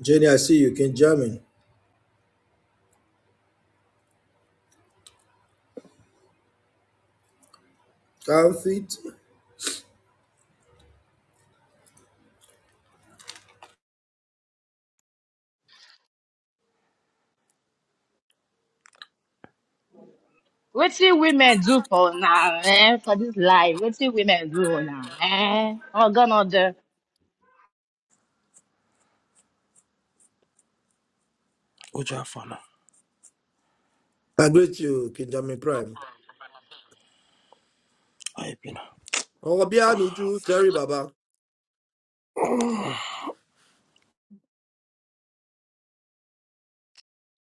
Jenny, I see you, King Jamin. Comfort. What you women do for now, eh? For this life, what you women do now, eh? Oh, God, not the Oja Fana, I greet you, King Jamin Prime. Ayepina. Oh, Obianuju, Terry Baba.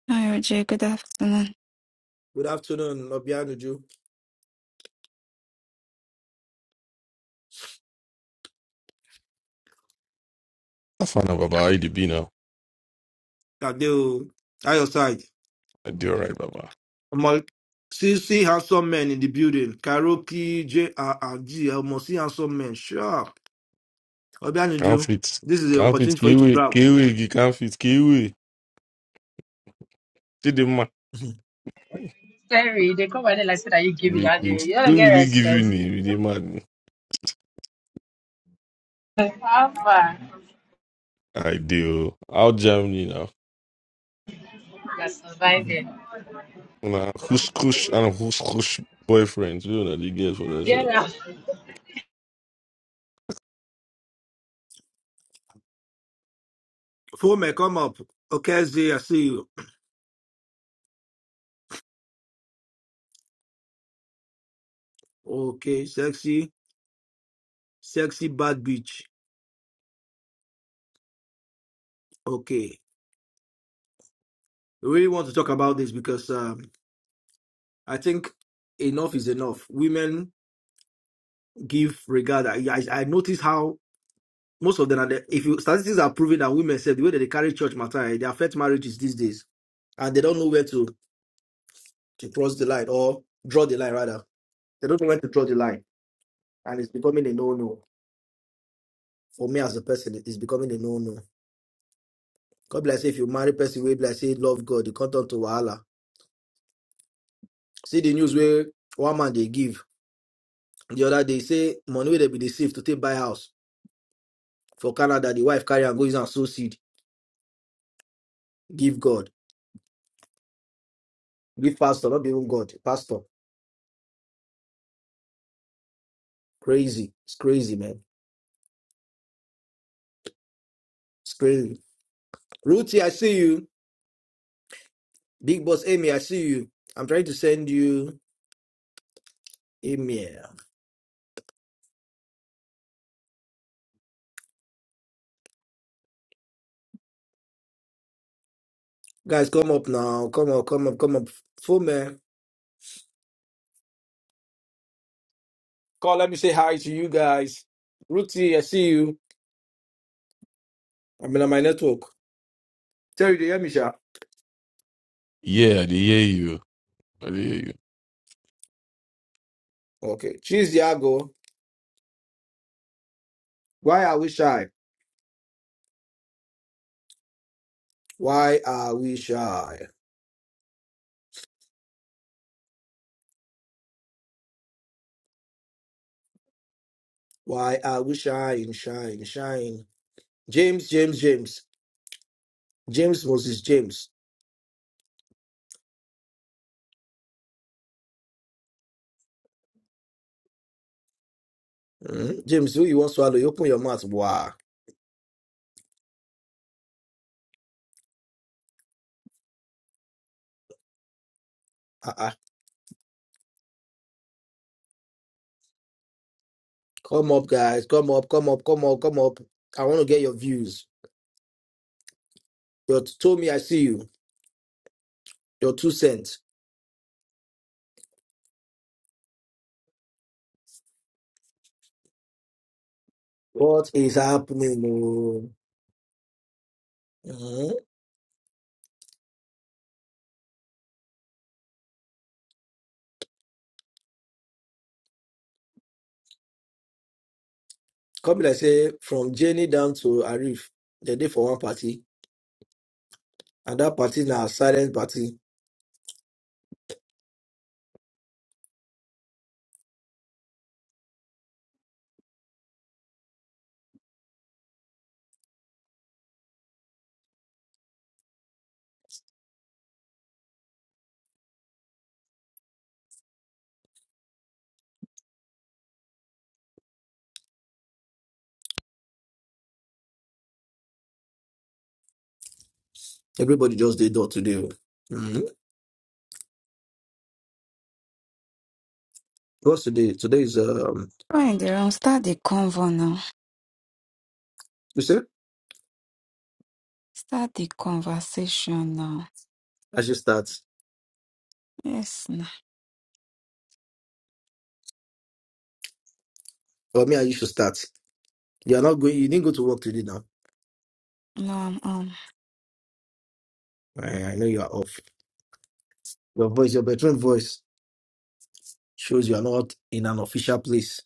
Hi, RJ. Good afternoon. Good afternoon, Obianuju. I find out, Baba. How you dey be now? Tadeo, at your side. I do all right, Baba. Omo- See, see handsome men in the building. Karaoke, JRRG, must see handsome men. Sure. can't can't Obianuju, fit this is the Can't fit opportunity for you to Kiwi. grab. Kiwi, you can't fit Kiwi. Did the man. Terry, they come and like say that you give it Who out there. You don't did get we give you respect. name? The man. How far? I do. Out Germany now. You're surviving. Now, who's kush and who's kush boyfriends? You know, the girls for Get that. out. Fome, come up. Okay, Z, I see you. Okay, sexy, sexy bad bitch. Okay. We really want to talk about this because um, I think enough is enough. Women give regard. I, I, I notice how most of them are. The, if you statistics are proving that women said the way that they carry church matter, eh, they affect marriages these days, and they don't know where to to cross the line or draw the line rather. They don't know where to draw the line, and it's becoming a no no for me as a person. It's becoming a no no. God bless if you marry person way bless say love God, you come down to wahala. See the news where one man they give the other they say money will be deceived to take buy house for Canada. The wife carry and go use and sow seed Give God. Give pastor. Not even God. Pastor. Crazy. It's crazy, man. It's crazy. Ruthie, I see you. Big boss Amy, I see you. I'm trying to send you email. Guys, come up now. Come up, come up, come up. Full man. Call, let me say hi to you guys. Ruthie, I see you. I'm in my network. Tell you to hear me, Sha. Yeah, I dey hear you. I dey hear you. Okay. Cheese Diago. Why are we shy? Why are we shy? Why are we shy? Shine, shine. James, James, James. James Moses James. Mhm. James, who you want swallow? You open your mouth. Wow. Uh-uh. Come up, guys. Come up, come up, come up, come up. I want to get your views. You told me I see you. Your two cents. What is happening? oh? Mhm. Come like say from Jenny down to Arif. They did for one party. And that party now silent party. Everybody just did door today. oh. Mhm. What's today? Today is um Right in the room. Start the convo now. you say Start the conversation now. I should start. Yes, no, Or me and you should start. You are not going you didn't go to work today now. no, I'm um. I I know you are off. Your voice, your bedroom voice shows you are not in an official place.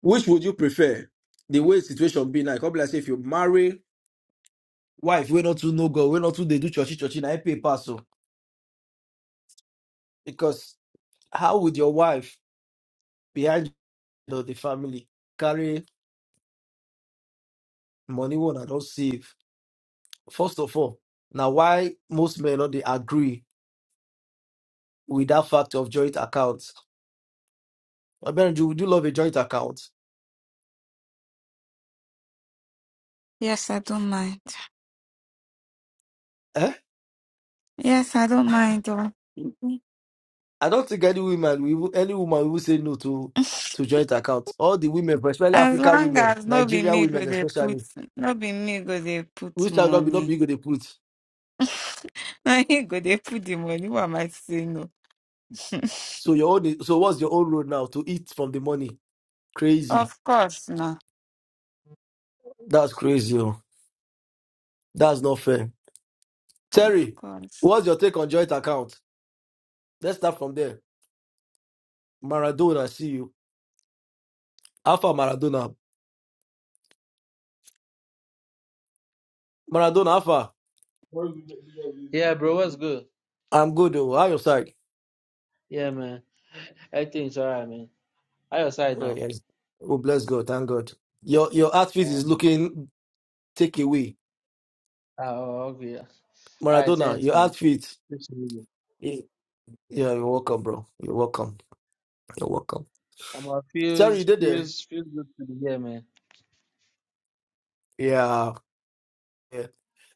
Which would you prefer? The way situation be now, come like say if you marry, Wife, we not to no go, we not to they do churchy churchy na I pay pass o. Because how would your wife behind the, the family carry money one I don't save? First of all, now why most men not they agree with that fact of joint accounts? I mean, you do love a joint account. Yes, I don't mind. Eh? Yes, I don't mind. oh. I don't think any woman, we will- any woman will say no to to joint account. All the women, especially As African long women, as no be Nigerian me go women, dey put, especially, no be me go dey put which I not be not money. be good they put. Na you go dey put the money. Why am I saying no? So your own, is- so what's your own road now to eat from the money? Crazy. Of course, no. That's crazy. Oh. That's not fair. Of Terry, course. what's your take on joint account? Let's start from there. Maradona, I see you. Alpha Maradona, Maradona Alpha. Yeah, bro, what's good? I'm good. Oh, how your side? Yeah, man. Everything's all right, man. How your side Oh, now? yes. oh bless God. Thank God. Your your outfit is Um, looking take away. oh, okay. All right, Maradona, thanks, your man. outfit. Good to meet you. Yeah, yeah, you're welcome, bro. You're welcome. You're welcome. I'm a Terry, you feels did there. feels feels good to be here, man. Yeah. yeah.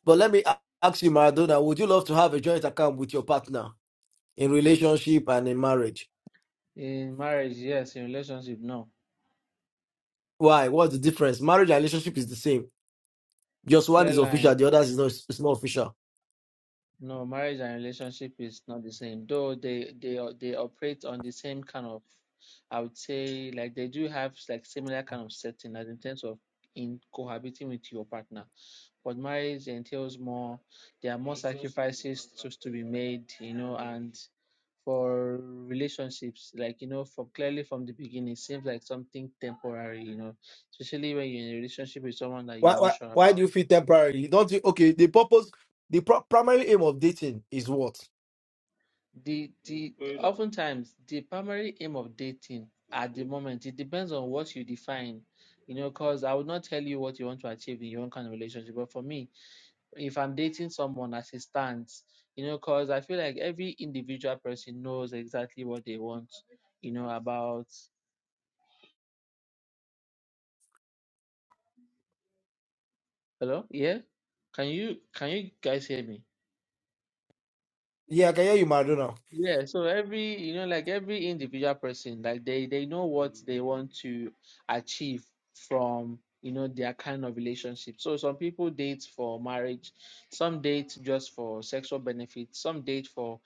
But let me a- ask you, Maradona, would you love to have a joint account with your partner in relationship and in marriage? In marriage, yes. In relationship, no. Why? What's the difference? Marriage and relationship is the same. Just one Clear is line. official, the other is not, it's not official. No, marriage and relationship is not the same, though they they o- they operate on the same kind of, I would say, like they do have like similar kind of setting as in terms of in cohabiting with your partner. But marriage entails more, there are more sacrifices to, to be made, you know, and for relationships, like you know, from clearly from the beginning, it seems like something temporary, you know, especially when you're in a relationship with someone that Why, you're not why, sure why about do you feel temporary? Don't you? Okay, the purpose, the pro- primary aim of dating is what? The the Going on. oftentimes the primary aim of dating at the moment it depends on what you define, you know, because I would not tell you what you want to achieve in your own kind of relationship. But for me, if I'm dating someone as it stands, you know, because I feel like every individual person knows exactly what they want, you know, about hello, yeah. Can you can you guys hear me? Yeah, I can hear you, Maradona. Yeah, so every, you know, like every individual person, like they they know what they want to achieve from, you know, their kind of relationship. So some people date for marriage, some date just for sexual benefits, some date for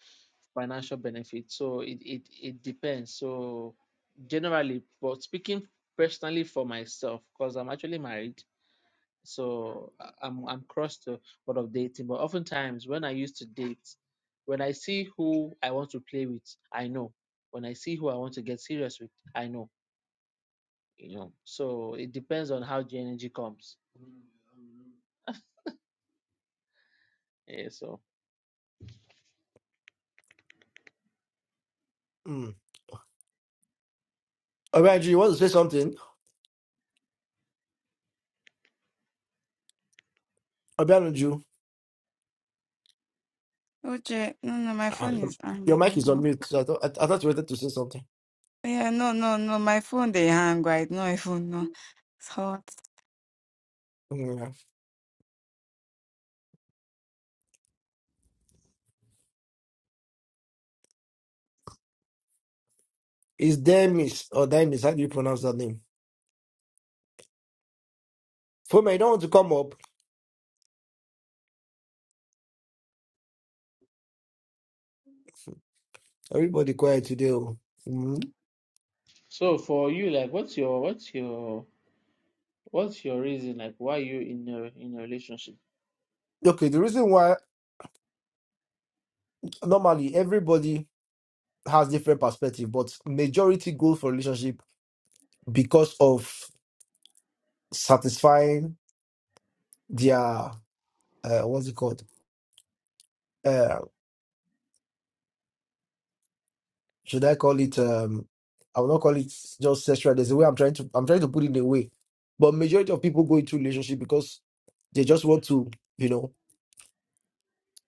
financial benefits. So it it it depends. So generally, but speaking personally for myself, because I'm actually married, so I- I'm I'm cross to what of dating, but oftentimes when I used to date, when I see who I want to play with, I know. When I see who I want to get serious with, I know. You know. So it depends on how the energy comes. Yeah. So Mm. Obianju, you want to say something? Obianju. OJ, no, no, my Uh, phone is your mic hanging is on up. mute. so I thought, I, I thought you wanted to say something. Yeah, no, no, no, my phone they hang right. No, I phone no. It's hot. Yeah. It's Demis or Demis. How do you pronounce that name? Fome, you don't want to come up. Everybody quiet today. oh. Mm. so for you, like, what's your what's your what's your reason, like, why you in a in a relationship? Okay, the reason why normally everybody has different perspective, but majority go for relationship because of satisfying their uh, what's it called? Uh, should I call it um I will not call it just sexual. There's a way I'm trying to I'm trying to put it in a way. But majority of people go into relationship because they just want to, you know,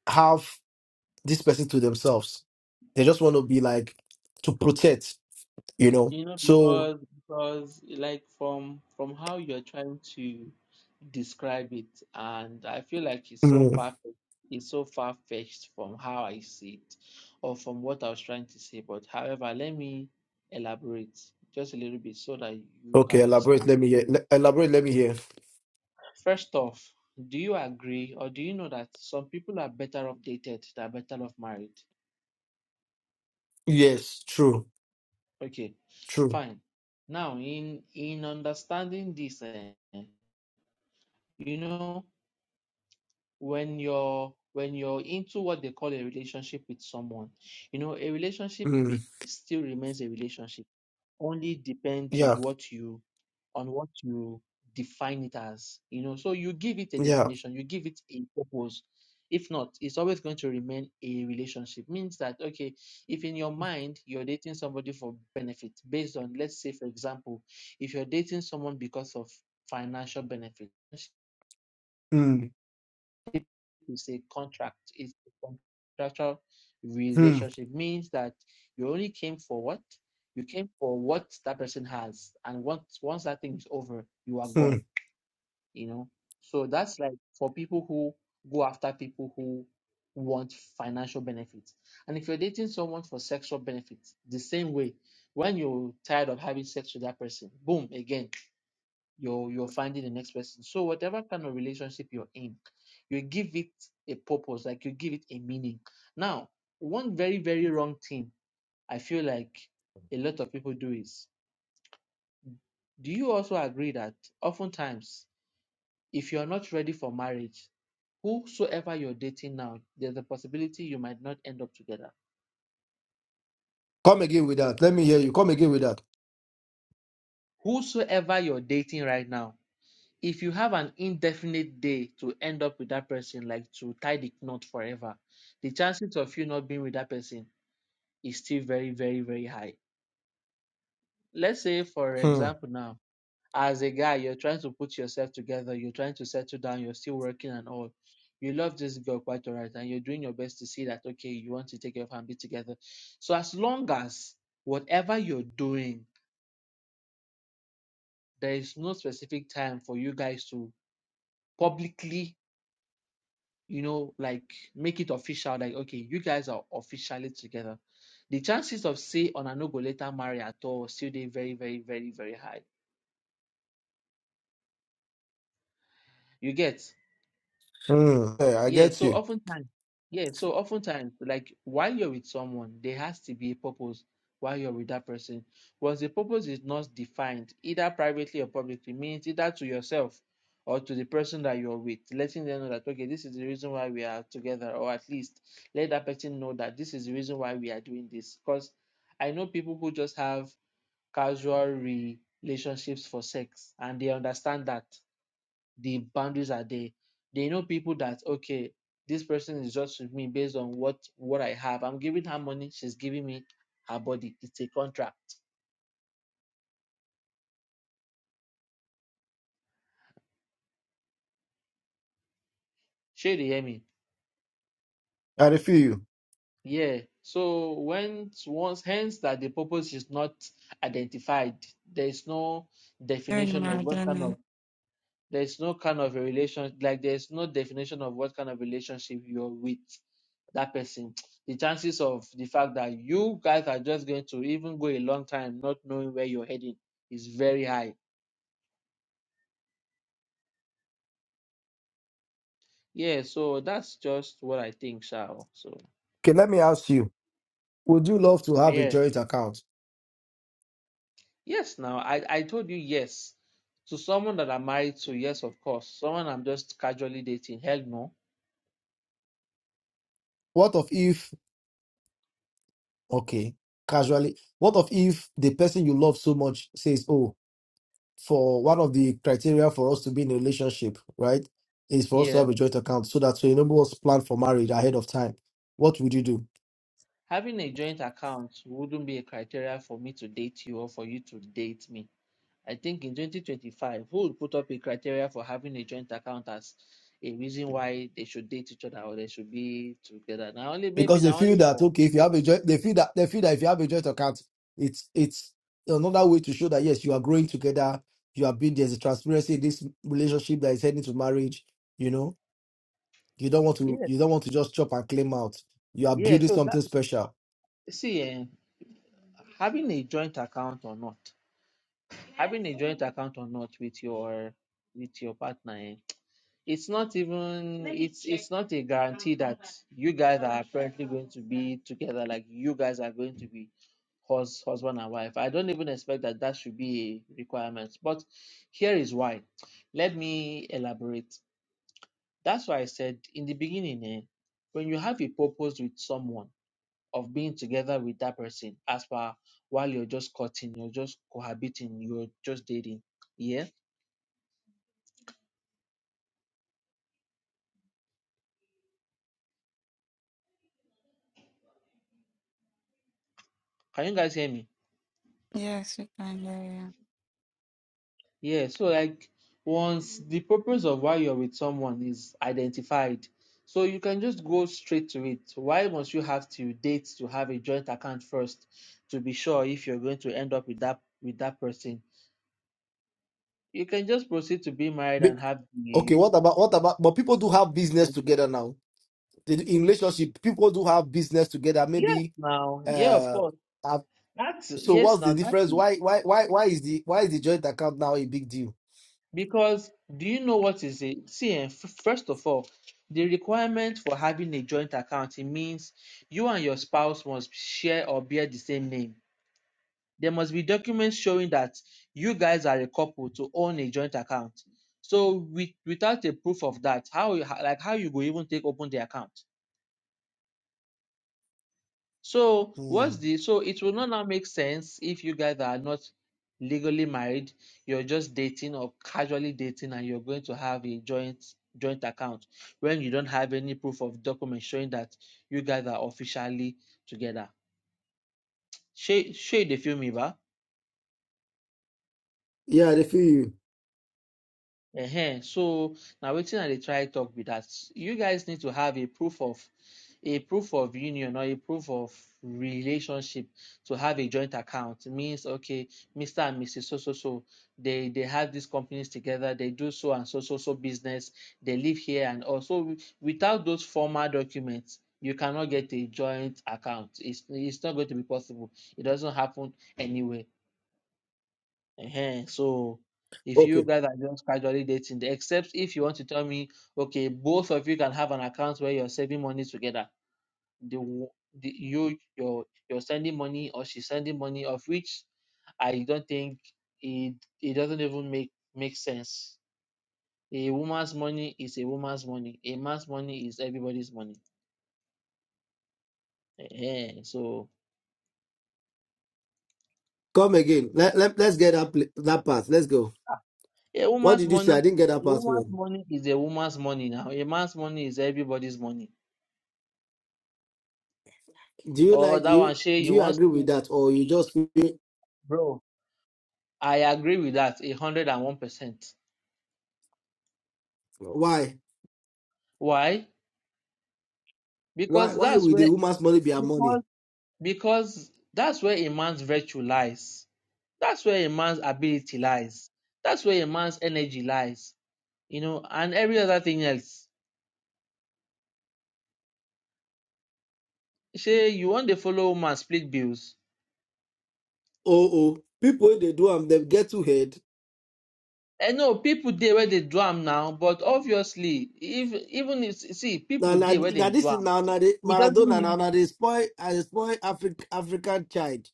have this person to themselves. They just want to be like to protect, you know. You know, So because because like from from how you're trying to describe it, and I feel like it's so mm, far it's so far fetched from how I see it or from what I was trying to say. But however, let me elaborate just a little bit so that you okay, can elaborate. understand. Let me hear. le- Elaborate. Let me hear. First off, do you agree or do you know that some people are better off dated, they're better off married? Yes, true, Okay, true. fine. Now in in understanding this, eh, you know when you're when you're into what they call a relationship with someone you know a relationship Mm, be, still remains a relationship only depends on yeah, what you on what you define it as you know so you give it a yeah. definition you give it a purpose if not it's always going to remain a relationship means that okay if in your mind you're dating somebody for benefit based on let's say for example if you're dating someone because of financial benefit Mm, is a contract. It's a contractual mm, relationship. Means that you only came for what? You came for what that person has. And once once that thing is over, you are gone. mm. You know? So that's like for people who go after people who want financial benefits. And if you're dating someone for sexual benefits, the same way, when you're tired of having sex with that person, boom, again you're you're finding the next person. So whatever kind of relationship you're in, you give it a purpose, like you give it a meaning. Now, one very, very wrong thing I feel like a lot of people do is do you also agree that oftentimes if you're not ready for marriage, whosoever you're dating now, there's a possibility you might not end up together. Come again with that. Let me hear you. Come again with that. Whosoever you're dating right now, if you have an indefinite day to end up with that person, like to tie the knot forever, the chances of you not being with that person is still very, very, very high. Let's say, for Hmm, example, now, as a guy, you're trying to put yourself together, you're trying to settle down, you're still working and all. You love this girl quite all right, and you're doing your best to see that, okay, you want to take your be together. So, as long as whatever you're doing, there is no specific time for you guys to publicly you know, like make it official, like okay, you guys are officially together. The chances of say ona no go later marry at all still they very, very, very, very high. You get hmm. Hey, I Yeah, get so you. oftentimes, yeah, so oftentimes, like while you're with someone, there has to be a purpose while you're with that person. Once the purpose is not defined, either privately or publicly, means either to yourself or to the person that you're with, letting them know that, okay, this is the reason why we are together, or at least let that person know that this is the reason why we are doing this. Because I know people who just have casual relationships for sex and they understand that the boundaries are there. They know people that okay, this person is just with me based on what what I have. I'm giving her money, she's giving me her body. It's a contract. Shey dey hear me? I feel you. Yeah. So when once hence that the purpose is not identified, there is no Very definition of what kind of mad, There's no kind of a relation, like there's no definition of what kind of relationship you're with that person. The chances of the fact that you guys are just going to even go a long time not knowing where you're heading is very high. Yeah, so that's just what I think, Shao. So Okay, let me ask you. Would you love to have a yeah. joint account? Yes, now I, I told you yes. To someone that I'm married to, yes, of course. Someone I'm just casually dating, hell no. What of if, okay, casually, what of if the person you love so much says, oh, for one of the criteria for us to be in a relationship, right, is for us to Yeah. have a joint account so that we enable us plan for marriage ahead of time. What would you do? Having a joint account wouldn't be a criteria for me to date you or for you to date me. I think in 2025, who would put up a criteria for having a joint account as a reason why they should date each other or they should be together? Now only maybe Because they now feel only that, for okay, if you have a joint, they feel that, they feel that if you have a joint account, it's, it's another way to show that, yes, you are growing together. You are being, there's a transparency in this relationship that is heading to marriage, you know? You don't want to yeah you don't want to just chop and claim out. You are yeah. building So that something special. see eh, having a joint account or not, having a joint account or not with your with your partner, eh, it's not even it's it's not a guarantee that you guys are apparently going to be together like you guys are going to be hus- husband and wife. I don't even expect that that should be a requirement. But here is why. Let me elaborate. That's why I said in the beginning, eh, when you have a purpose with someone of being together with that person, as far while you're just cutting, you're just cohabiting, you're just dating. Yeah. Can you guys hear me? Yes, we can hear you. Yeah, so like once the purpose of why you're with someone is identified, so you can just go straight to it. Why must you have to date to have a joint account first to be sure if you're going to end up with that with that person? You can just proceed to be married Be- and have the okay, what about what about but people do have business together now. They do- In relationship, people do have business together. yes Maybe now. Yeah, of uh, course. uh That's so yes what's the now. difference? Why why why why is the why is the joint account now a big deal? Because do you know what is it? See, eh, f- first of all, the requirement for having a joint account it means you and your spouse must share or bear the same name. There must be documents showing that you guys are a couple to own a joint account. So, with, without a proof of that, how you- like how you go even take open the account? So Hmm. what's the so it will not now make sense if you guys are not legally married, you're just dating or casually dating and you're going to have a joint joint account when you don't have any proof of document showing that you guys are officially together. Shade shade the film, Iba. Yeah, they feel you. Ehen. So now waiting I dey try talk with that you guys need to have a proof of a proof of union or a proof of relationship to have a joint account It means okay mr and mrs so so so they they have these companies together they do so and so so so business they live here and also without those formal documents you cannot get a joint account it's it's not going to be possible it doesn't happen anywhere Ehen. So, if you Okay. guys are just casually dating, except if you want to tell me, okay, both of you can have an account where you're saving money together. The, w- the you you're you're sending money or she's sending money, of which I don't think it it doesn't even make make sense. A woman's money is a woman's money. A man's money is everybody's money. Ehen. So Come again. Let, let, let's get that, pl- that part. Let's go. a What woman's did you say? money I didn't get that a part. woman's well. money is a woman's money now. A man's money is everybody's money. Do you Or like that one, you Shay, do you you want? agree with that or you just feel Bro, I agree with that a hundred and one percent. why? Why? Why Because why that's will the where woman's money be her money? because because that's where a man's virtue lies. That's where a man's ability lies. That's where a man's energy lies. You know, and every other thing else. Say you want to follow woman split bills. Oh oh. People when they do am they get too head. I know people there where they do am now, but obviously, if even if see Now people now there where they now do this is am, now now the it doesn't Maradona now mean. now they spoil I they spoil African African child.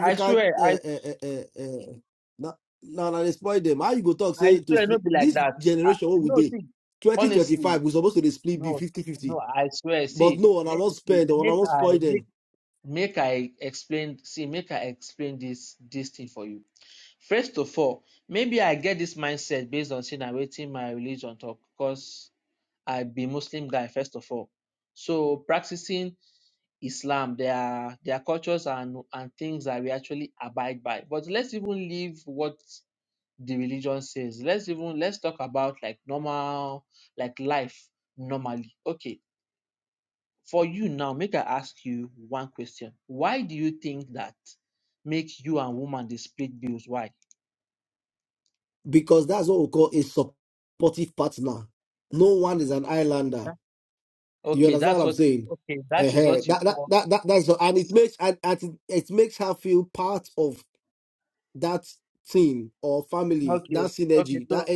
I swear, uh, I. uh, uh, uh, uh, now now now they spoil them. How you go talk I say to swear, no split be like this that. I, generation what we no, did? see, honestly, 2025 we supposed to dey split be no, fifty-fifty. no. I swear, But see, no, and I let, won't see, spare them, and I make won't I spoil make them. make I explain. See, make I explain this this thing for you. First of all, maybe I get this mindset based on seeing I waiting my religion talk because I be Muslim guy first of all. So practicing Islam, there are there are cultures and and things that we actually abide by. But let's even leave what the religion says. Let's even let's talk about like normal, like life normally. Okay, for you now, make I ask you one question. Why do you think that make you and woman they split bills? Why? Because that's what we call a supportive partner. No one is an islander. Huh? You Okay, understand that's what I'm what saying? okay, uh that is what you That, that, call that, that, that's and it makes and, and it, it makes her feel part of that team or family, okay, that okay, synergy, that so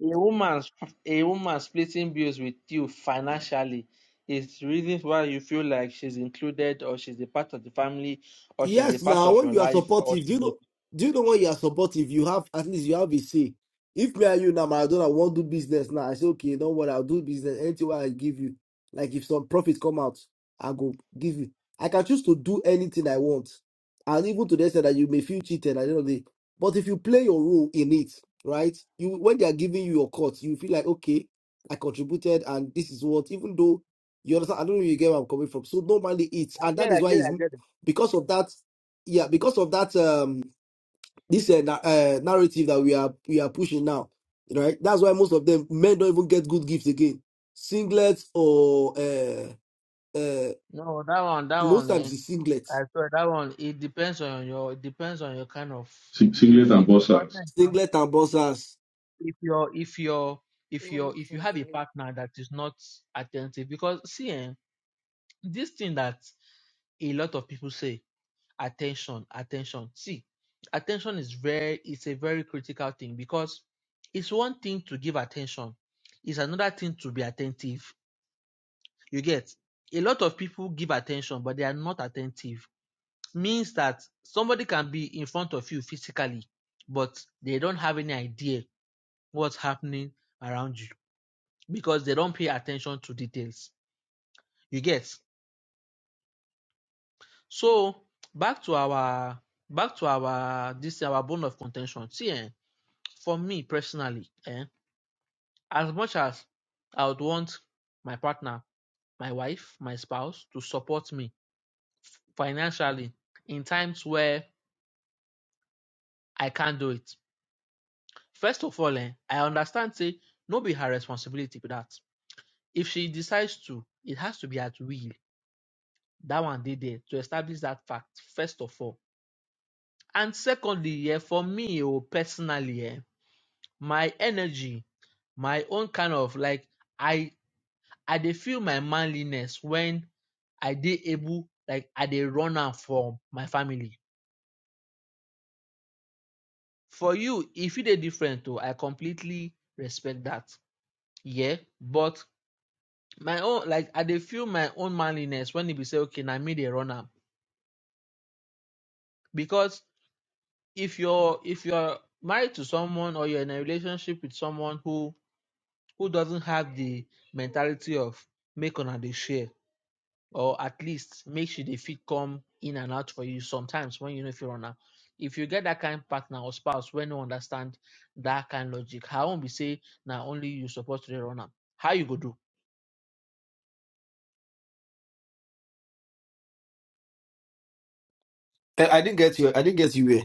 a woman a woman splitting bills with you financially is the reason why you feel like she's included or she's a part of the family or she's a Yes, part now of your when you are life or supportive, do she's you a know? Do you know when you are supportive, you have at least you have a say. If me and you now, Maradona want to do business now, I say okay, don't worry, I'll do business. Anything what I give you, like if some profit come out, I go give you. I can choose to do anything I want, and even to the extent that you may feel cheated at the end of the day. But if you play your role in it, right? You when they are giving you your cut, you feel like okay, I contributed, and this is what. Even though you understand, I don't know if you get where I'm coming from. So normally it's, I and get, that I is get, why it's I get because of that yeah because of that um this uh, na- uh, narrative that we are we are pushing now right that's why most of them men don't even get good gifts again singlets or uh uh No, that one, that most one, eh, times it's singlets I swear that one. It depends on your, it depends on your kind of. It, Sing- Singlet if and if ball your sacks. partner is not, singlet and boxers if your if your if your if you have a partner that is not attentive, because see, eh, this thing that a lot of people say, attention, attention. See, attention is very, it's a very critical thing because it's one thing to give attention, it's another thing to be attentive. You get a lot of people give attention, but they are not attentive means that somebody can be in front of you physically, but they don't have any idea what's happening around you because they don't pay attention to details. You get? So back to our back to our this our bone of contention. See, eh, for me personally, eh, as much as I would want my partner, my wife, my spouse to support me financially in times where I can't do it First of all eh, I understand Say, no be her responsibility for that. If she decides to, it has to be at will. That one dey there to establish that fact first of all. And secondly yeah, for me oh personally um, my energy, my own kind of like I I dey feel my manliness when I dey able like I dey run am from my family. For you e fit dey different um, I completely respect that, Yeah, but my own like i dey feel my own manliness when e be say okay na me dey run am because if you're if you're married to someone or you're in a relationship with someone who who doesn't have the mentality of make una dey share or at least make she dey fit come in and out for you sometimes when you no fit run am if you get that kind partner or spouse wey no understand that kind logic her own be say na only you suppose to dey run am how you go do Eh, i didn't get you i didn't get you here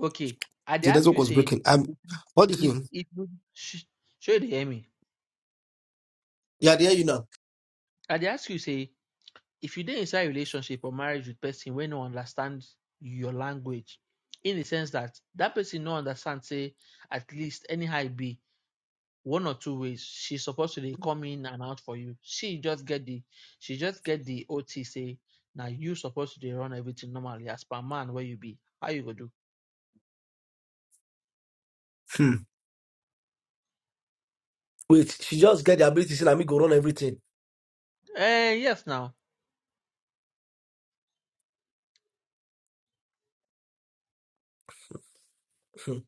okay i dey the ask network you was say breaking Um, what do you If think if you sh- sure they hear me. yeah there you now I dey ask you say if you dey inside relationship or marriage with person wey no understand your language, in the sense that that person no understand say at least anyhow e be one or two ways she supposed to dey come in and out for you. She just get the she just get the OT say na you supposed to dey run everything normally as per man where you be. How you go do? hmm. wait she just get the ability to say me go run everything Eh yes now hmm.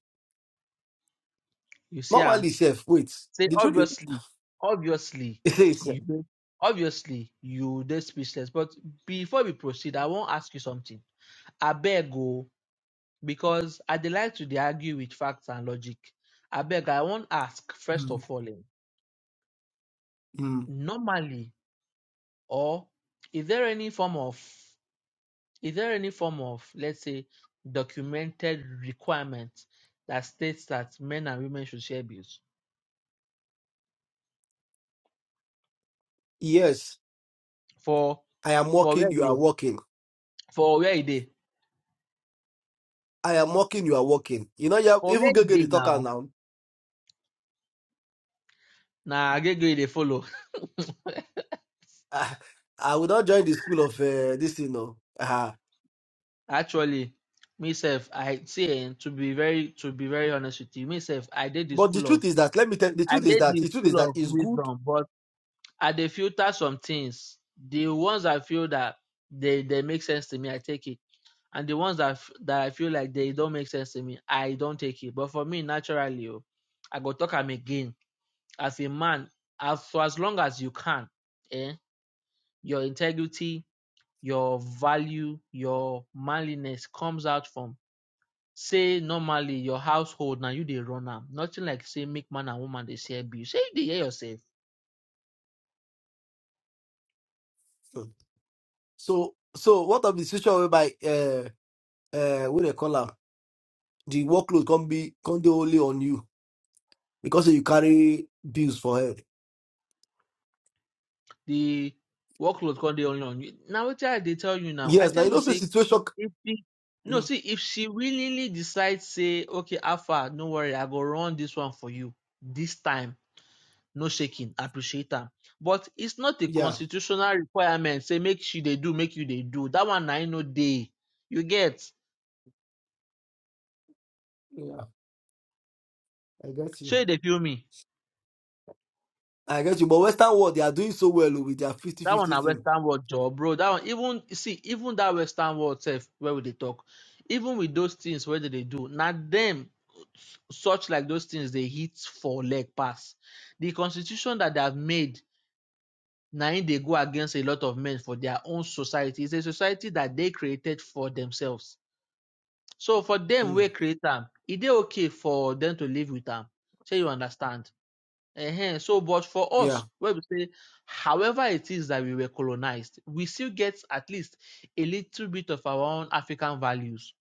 you see am normally safe wait Say the truth is obviously, obviously, it is, you dey- obviously you dey speechless. But before we proceed, I wan ask you something. Abeg o, because I dey like to dey argue with facts and logic. Abeg, I wan ask first Hmm. of all, um, Hmm. normally or is there any form of is there any form of let's say documented requirement that states that men and women should share bills yes for i am for working where e you are dey working for where e dey I am working, you are working. You know, you have for even where e Gege dey the talker now now. Na Agege dey follow. Ah, I will not join the school of uh, this, you know. Uh, Actually, myself, I say to be very to be very honest with you, myself, I did the but the school of truth is that let me tell the I truth is did that the the truth is school that of it's good. wisdom, but I dey filter some things. The ones I feel that they they make sense to me, I take it. And the ones that f- that I feel like they don't make sense to me, I don't take it. But for me, naturally, oh, I go talk am again. As a man, as for as long as you can, eh, your integrity your value, your manliness comes out from say normally your household now you dey run am. Nothing like say make man and woman dey share bill. Say you dey hear yourself. So so what of the situation whereby uh uh what they call am, the workload can be can be only on you because you carry bills for head. The workload come dey only on you. Now what I dey tell you now. I Yes, now tell you you know the say situation if she no mm, see if she willingly decides say okay Alpha no worry I go run this one for you this time no shaking appreciate am. But it's not a yeah, constitutional requirement say make she dey do make you dey do. That one na im no dey. You get. yeah, I get you. Shey they feel me. I get you. But Western world they are doing so well oh, with their That one fifty-fifty na thing Western world job, bro. That one even see even that Western world self where we dey talk, even with those things where they dey do, na them such like those things they hit for leg pass. The constitution that they have made na im dey go against a lot of men for their own society. It's a society that they created for themselves. So for them Mm, we create am, e dey okay for them to live with am. Shey you understand? Ehen. So, but for yeah. us, where we say, however it is that we were colonized, we still get at least a little bit of our own African values,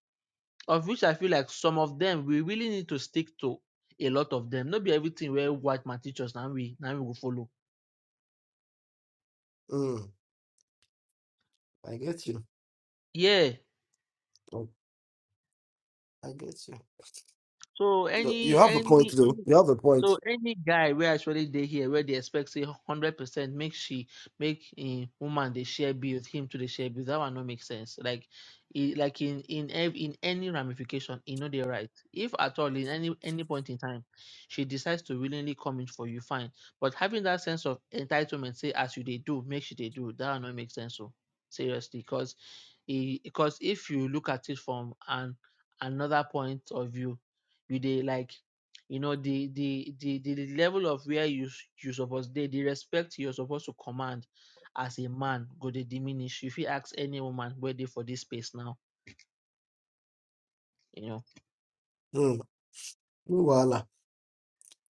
of which I feel like some of them we really need to stick to. A lot of them, not be everything where white man teach us, now we now we will follow. Mm, I get you. Yeah. Oh, I get you. So No, You any have a point, any though. You have a point. So any guy wey actually dey here where they expect say hundred percent make she make a woman they share bills, him to the share bills, that one no make sense. Like e like in in ev- in any ramification, e no dey right. If at all in any any point in time she decides to willingly come in for you, fine. But having that sense of entitlement, say as you they do, make she they do, that one no make sense. So seriously, because because if you look at it from an another point of view, you they like you know, the the the the level of where you s- you suppose dey, the respect you're supposed to command as a man go dey diminish. If You fit ask any woman wey dey for this space now, you know. Mm, no wahala.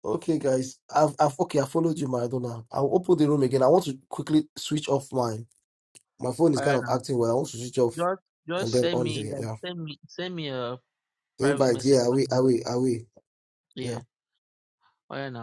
Okay, guys. I've, I've okay. I followed you, Maradona. I'll open the room again. I want to quickly switch off mine. My phone is kind Alright of now, acting well. I want to switch off just and just then send on me the like send me send me a yeah. private invite. message. Yeah, are when we? you- Are we? Are we? Yeah. Yeah. Alright now.